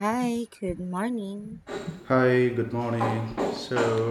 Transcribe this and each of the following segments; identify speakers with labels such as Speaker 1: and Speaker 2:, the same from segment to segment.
Speaker 1: Hi, good morning.
Speaker 2: Hi, good morning. So,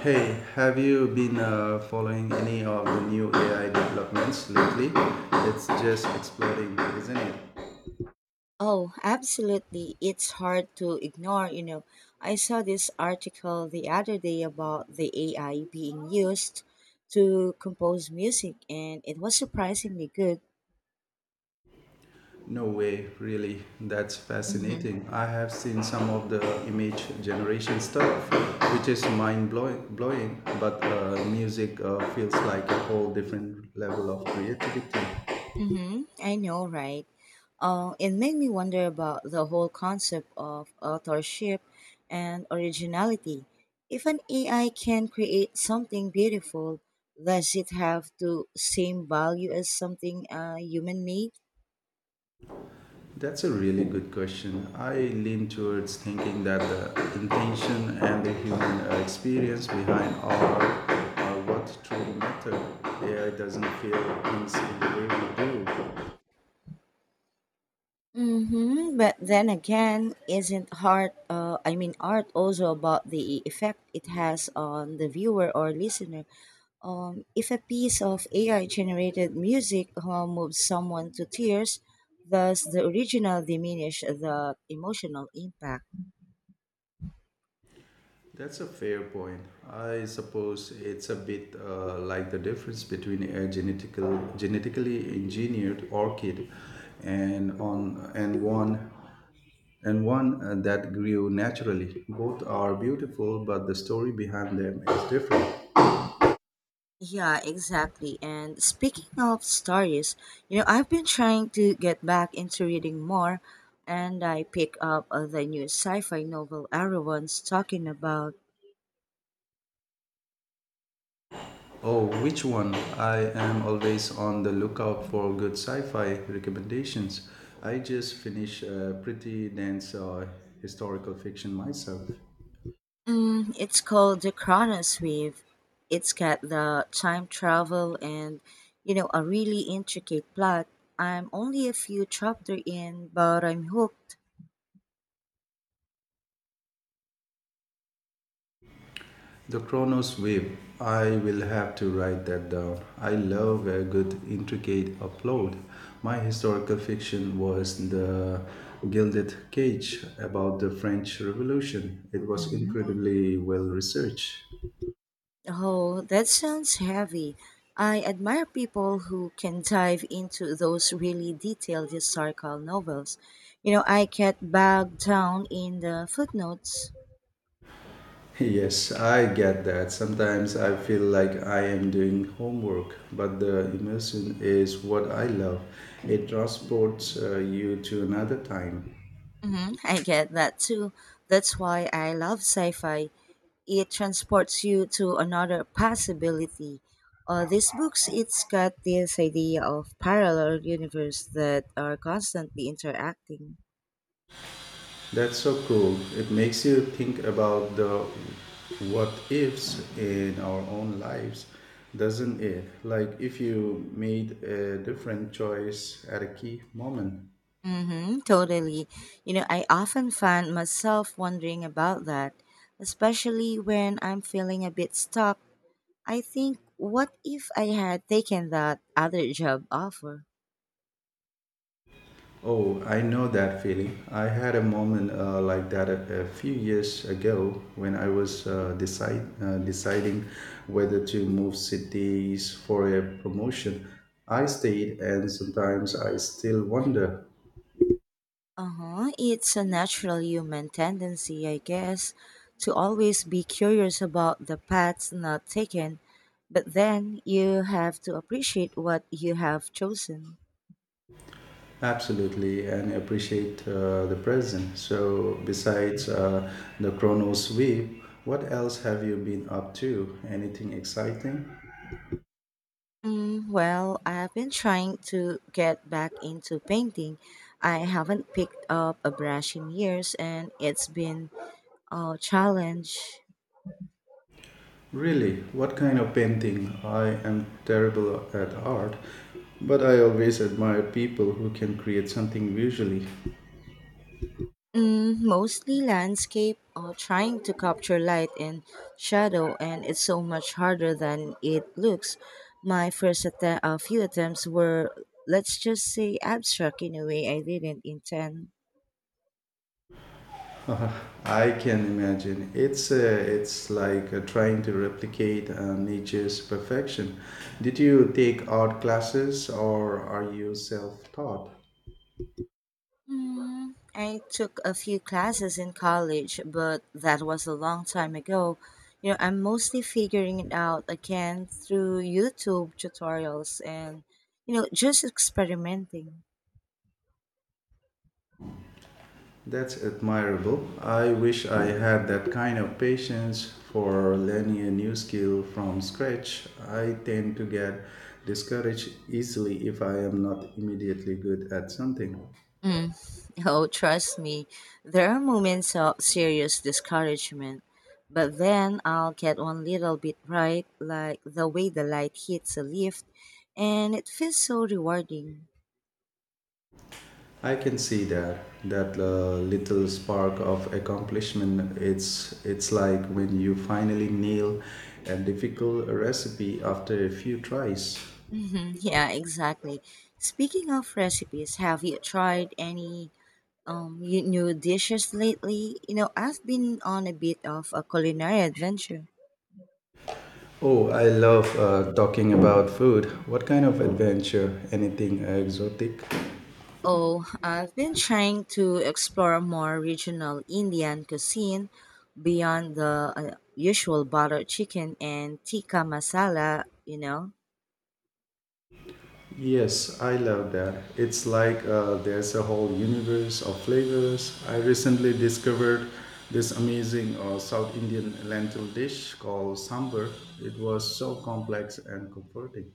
Speaker 2: hey, have you been following any of the new AI developments lately? It's just exploding, isn't it?
Speaker 1: Oh, absolutely. It's hard to ignore, you know. I saw this article the other day about the AI being used to compose music, and it was surprisingly good.
Speaker 2: No way, really. That's fascinating. I have seen some of the image generation stuff, which is mind blowing but music feels like a whole different level of creativity.
Speaker 1: Mm-hmm. I know, right? It made me wonder about the whole concept of authorship and originality. If an AI can create something beautiful, does it have to same value as something human made?
Speaker 2: That's a really good question. I lean towards thinking that the intention and the human experience behind our what truly matter. AI doesn't feel things in the way we do.
Speaker 1: Mm-hmm. But then again, isn't art, I mean, art also about the effect it has on the viewer or listener? If a piece of AI generated music moves someone to tears, does the original diminish the emotional impact?
Speaker 2: That's a fair point. I suppose it's a bit like the difference between a genetically engineered orchid and on and one and one that grew naturally. Both are beautiful, but the story behind them is different.
Speaker 1: Yeah, exactly. And speaking of stories, you know, I've been trying to get back into reading more, and I pick up the new sci fi novel everyone's talking about.
Speaker 2: Oh, which one? I am always on the lookout for good sci fi recommendations. I just finished a pretty dense historical fiction myself.
Speaker 1: It's called the Chronos Weave. It's got the time travel and, you know, a really intricate plot. I'm only a few chapters in, but I'm hooked.
Speaker 2: The Chronos Wave. I will have to write that down. I love a good, intricate upload. My historical fiction was The Gilded Cage about the French Revolution. It was
Speaker 1: Hmm
Speaker 2: incredibly well researched.
Speaker 1: Oh, that sounds heavy. I admire people who can dive into those really detailed historical novels. You know, I get bogged down in the footnotes.
Speaker 2: Yes, I get that. Sometimes I feel like I am doing homework, but the immersion is what I love. It transports you to another time.
Speaker 1: Hmm I get that too. That's why I love sci fi. It transports you to another possibility. These books, it's got this idea of parallel universe that are constantly interacting.
Speaker 2: That's so cool. It makes you think about the what ifs in our own lives, doesn't it? Like if you made a different choice at a key moment.
Speaker 1: Mm-hmm, totally. You know, I often find myself wondering about that, especially when I'm feeling a bit stuck. I think, what if I had taken that other job offer?
Speaker 2: Oh, I know that feeling. I had a moment like that a few years ago when I was deciding whether to move cities for a promotion. I stayed, and sometimes I still wonder.
Speaker 1: Uh-huh. It's a natural human tendency, I guess, to always be curious about the paths not taken, but then you have to appreciate what you have chosen.
Speaker 2: Absolutely, and appreciate the present. So, besides the chrono sweep, what else have you been up to? Anything exciting?
Speaker 1: Well, I've been trying to get back into painting. I haven't picked up a brush in years and it's been a challenge.
Speaker 2: Really, what kind of painting? I am terrible at art, but I always admire people who can create something visually.
Speaker 1: Mm, mostly landscape, trying to capture light and shadow, and it's so much harder than it looks. My few attempts were, let's just say, abstract in a way I didn't intend.
Speaker 2: I can imagine. It's like trying to replicate nature's perfection. Did you take art classes or are you self-taught?
Speaker 1: I took a few classes in college, but that was a long time ago. You know, I'm mostly figuring it out again through YouTube tutorials and, you know, just experimenting.
Speaker 2: That's admirable. I wish I had that kind of patience for learning a new skill from scratch. I tend to get discouraged easily if I am not immediately good at something.
Speaker 1: Mm. Oh, trust me, there are moments of serious discouragement, but then I'll get one little bit right, like the way the light hits a lift, and it feels so rewarding.
Speaker 2: I can see that little spark of accomplishment. It's like when you finally nail a difficult recipe after a few tries.
Speaker 1: Hmm Yeah, exactly. Speaking of recipes, have you tried any new dishes lately? You know, I've been on a bit of a culinary adventure.
Speaker 2: Oh, I love talking about food. What kind of adventure? Anything exotic?
Speaker 1: Oh, I've been trying to explore more regional Indian cuisine beyond the usual butter chicken and tikka masala, you know.
Speaker 2: Yes, I love that. It's like there's a whole universe of flavors. I recently discovered this amazing South Indian lentil dish called sambar. It was so complex and comforting.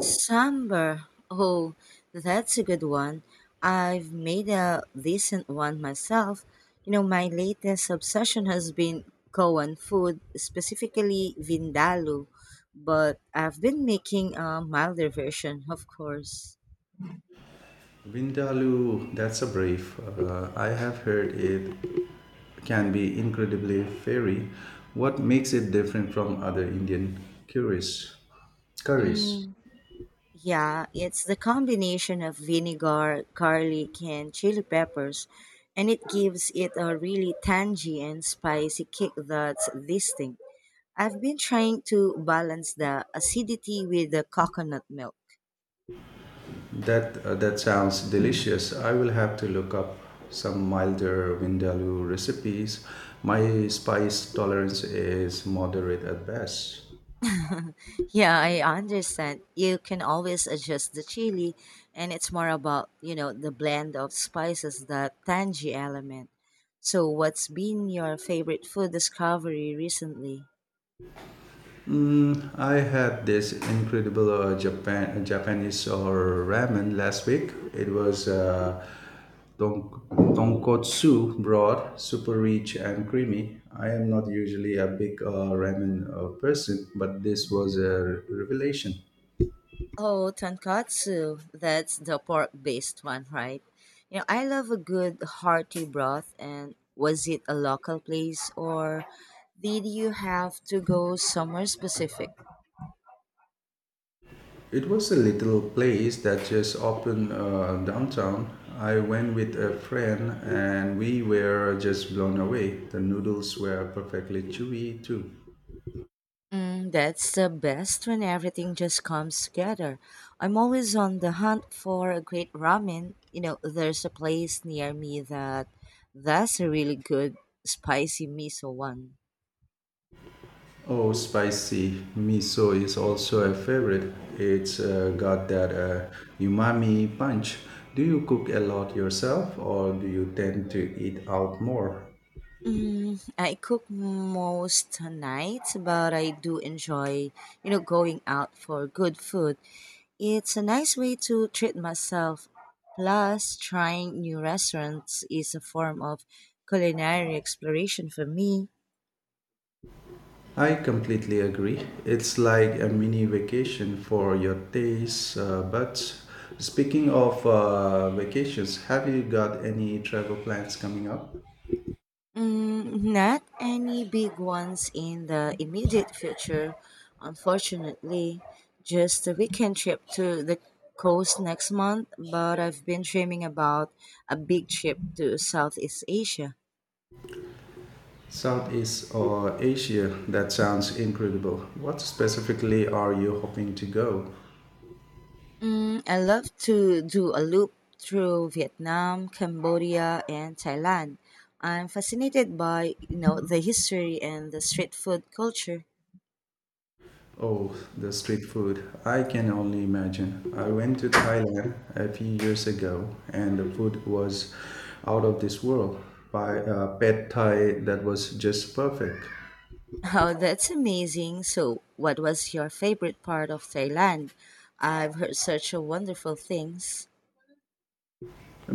Speaker 1: Sambar. Oh, that's a good one. I've made a decent one myself. You know, my latest obsession has been Goan food, specifically Vindaloo, but I've been making a milder version, of course.
Speaker 2: Vindaloo, that's a brief. I have heard it can be incredibly fiery. What makes it different from other Indian curries? curries?
Speaker 1: Mm, Yeah, it's the combination of vinegar, garlic, and chili peppers, and it gives it a really tangy and spicy kick that's distinct. I've been trying to balance the acidity with the coconut milk.
Speaker 2: That sounds delicious. I will have to look up some milder vindaloo recipes. My spice tolerance is moderate at best.
Speaker 1: Yeah, I understand. You can always adjust the chili, and it's more about, you know, the blend of spices, the tangy element. So, what's been your favorite food discovery recently?
Speaker 2: I had this incredible Japanese or ramen last week. It was ton- tonkotsu broth, super rich and creamy. I am not usually a big ramen person, but this was a revelation.
Speaker 1: Oh, tonkatsu. That's the pork based one, right? You know, I love a good hearty broth. And was it a local place or did you have to go somewhere specific?
Speaker 2: It was a little place that just opened downtown. I went with a friend and we were just blown away. The noodles were perfectly chewy too.
Speaker 1: Mm, that's the best when everything just comes together. I'm always on the hunt for a great ramen. You know, there's a place near me that that's a really good spicy miso one.
Speaker 2: Oh, spicy miso is also a favorite. It's got that umami punch. Do you cook a lot yourself or do you tend to eat out more?
Speaker 1: Mm, I cook most nights, but I do enjoy, you know, going out for good food. It's a nice way to treat myself. Plus, trying new restaurants is a form of culinary exploration for me.
Speaker 2: I completely agree. It's like a mini vacation for your taste buds. Speaking of vacations, have you got any travel plans coming up?
Speaker 1: Mm, not any big ones in the immediate future, unfortunately. Just a weekend trip to the coast next month, but I've been dreaming about a big trip to Southeast Asia.
Speaker 2: Southeast or Asia? That sounds incredible. What specifically are you hoping to go?
Speaker 1: Mm, I love to do a loop through Vietnam, Cambodia, and Thailand. I'm fascinated by, you know, the history and the street food culture.
Speaker 2: Oh, the street food. I can only imagine. I went to Thailand a few years ago and the food was out of this world. By pad Thai that was just perfect.
Speaker 1: Oh, that's amazing. So, what was your favorite part of Thailand? I've heard such a wonderful things.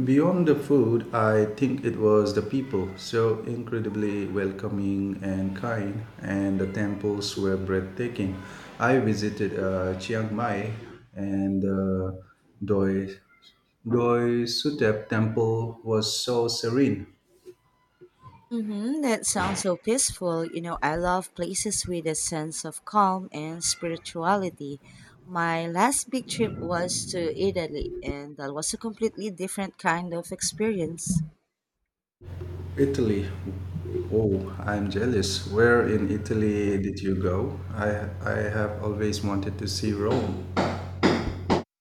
Speaker 2: Beyond the food, I think it was the people, so incredibly welcoming and kind, and the temples were breathtaking. I visited Chiang Mai and Doi, Doi Sudep temple was so serene.
Speaker 1: Mm-hmm, that sounds so peaceful. You know, I love places with a sense of calm and spirituality. My last big trip was to Italy, and that was a completely different kind of experience.
Speaker 2: Italy, oh, I'm jealous. Where in Italy did you go? I have always wanted to see Rome.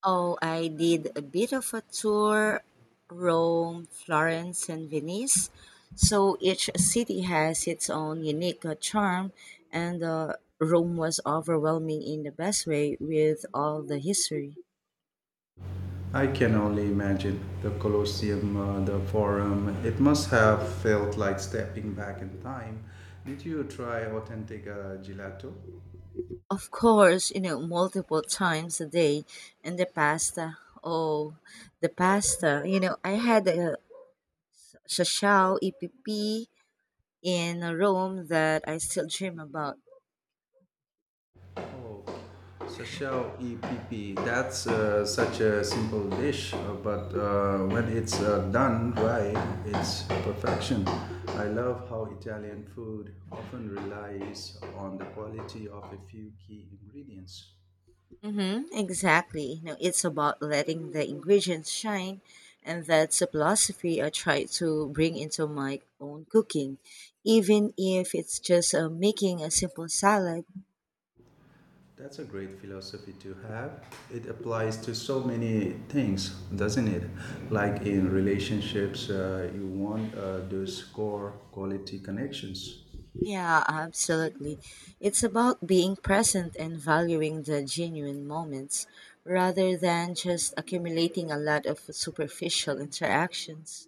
Speaker 1: Oh, I did a bit of a tour Rome, Florence, and Venice. So each city has its own unique charm, and Rome was overwhelming in the best way with all the history.
Speaker 2: I can only imagine the Colosseum, the Forum. It must have felt like stepping back in time. Did you try authentic gelato?
Speaker 1: Of course, you know, multiple times a day, and the pasta. Oh, the pasta. You know, I had a shashao EPP in Rome that I still dream about.
Speaker 2: Oh, sashao EPP. That's such a simple dish, but when it's done right, it's perfection. I love how Italian food often relies on the quality of a few key ingredients.
Speaker 1: Mm-hmm, exactly. No, it's about letting the ingredients shine, and that's a philosophy I try to bring into my own cooking, even if it's just making a simple salad.
Speaker 2: That's a great philosophy to have. It applies to so many things, doesn't it? Like in relationships, you want those core quality connections.
Speaker 1: Yeah, absolutely. It's about being present and valuing the genuine moments rather than just accumulating a lot of superficial interactions.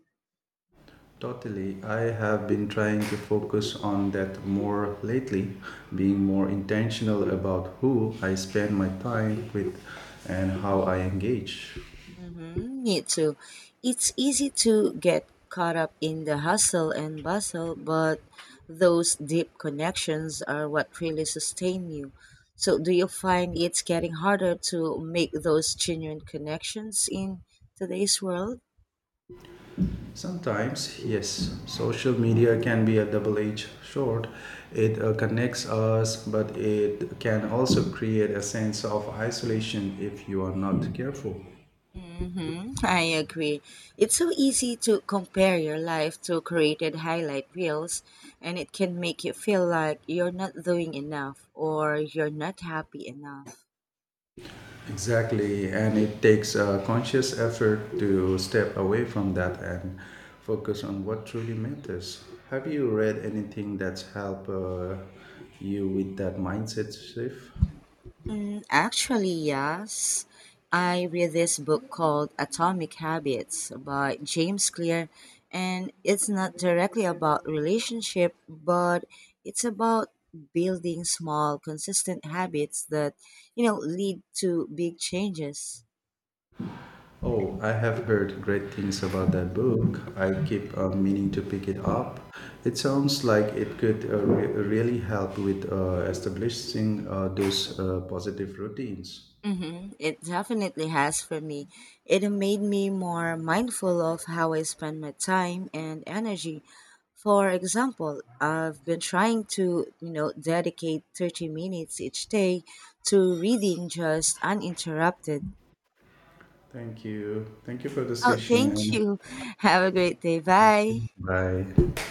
Speaker 2: Totally. I have been trying to focus on that more lately, being more intentional about who I spend my time with and how I engage.
Speaker 1: Mm, me too. It's easy to get caught up in the hustle and bustle, but those deep connections are what really sustain you. So, do you find it's getting harder to make those genuine connections in today's world?
Speaker 2: Sometimes, yes, social media can be a double edged sword. It connects us, but it can also create a sense of isolation if you are not careful.
Speaker 1: Hmm I agree. It's so easy to compare your life to created highlight reels, and it can make you feel like you're not doing enough or you're not happy enough.
Speaker 2: Exactly, and it takes a conscious effort to step away from that and focus on what truly matters. Have you read anything that's helped you with that mindset shift?
Speaker 1: Mm, actually, yes. I read this book called Atomic Habits by James Clear, and it's not directly about relationship, but it's about building small, consistent habits that, you know, lead to big changes.
Speaker 2: Oh, I have heard great things about that book. I keep meaning to pick it up. It sounds like it could really help with establishing those positive routines.
Speaker 1: Mm-hmm. It definitely has for me. It made me more mindful of how I spend my time and energy. For example, I've been trying to, you know, dedicate 30 minutes each day to reading just uninterrupted.
Speaker 2: Thank you. Thank you for the
Speaker 1: Oh, thank
Speaker 2: session.
Speaker 1: you. Have a great day. Bye.
Speaker 2: Bye.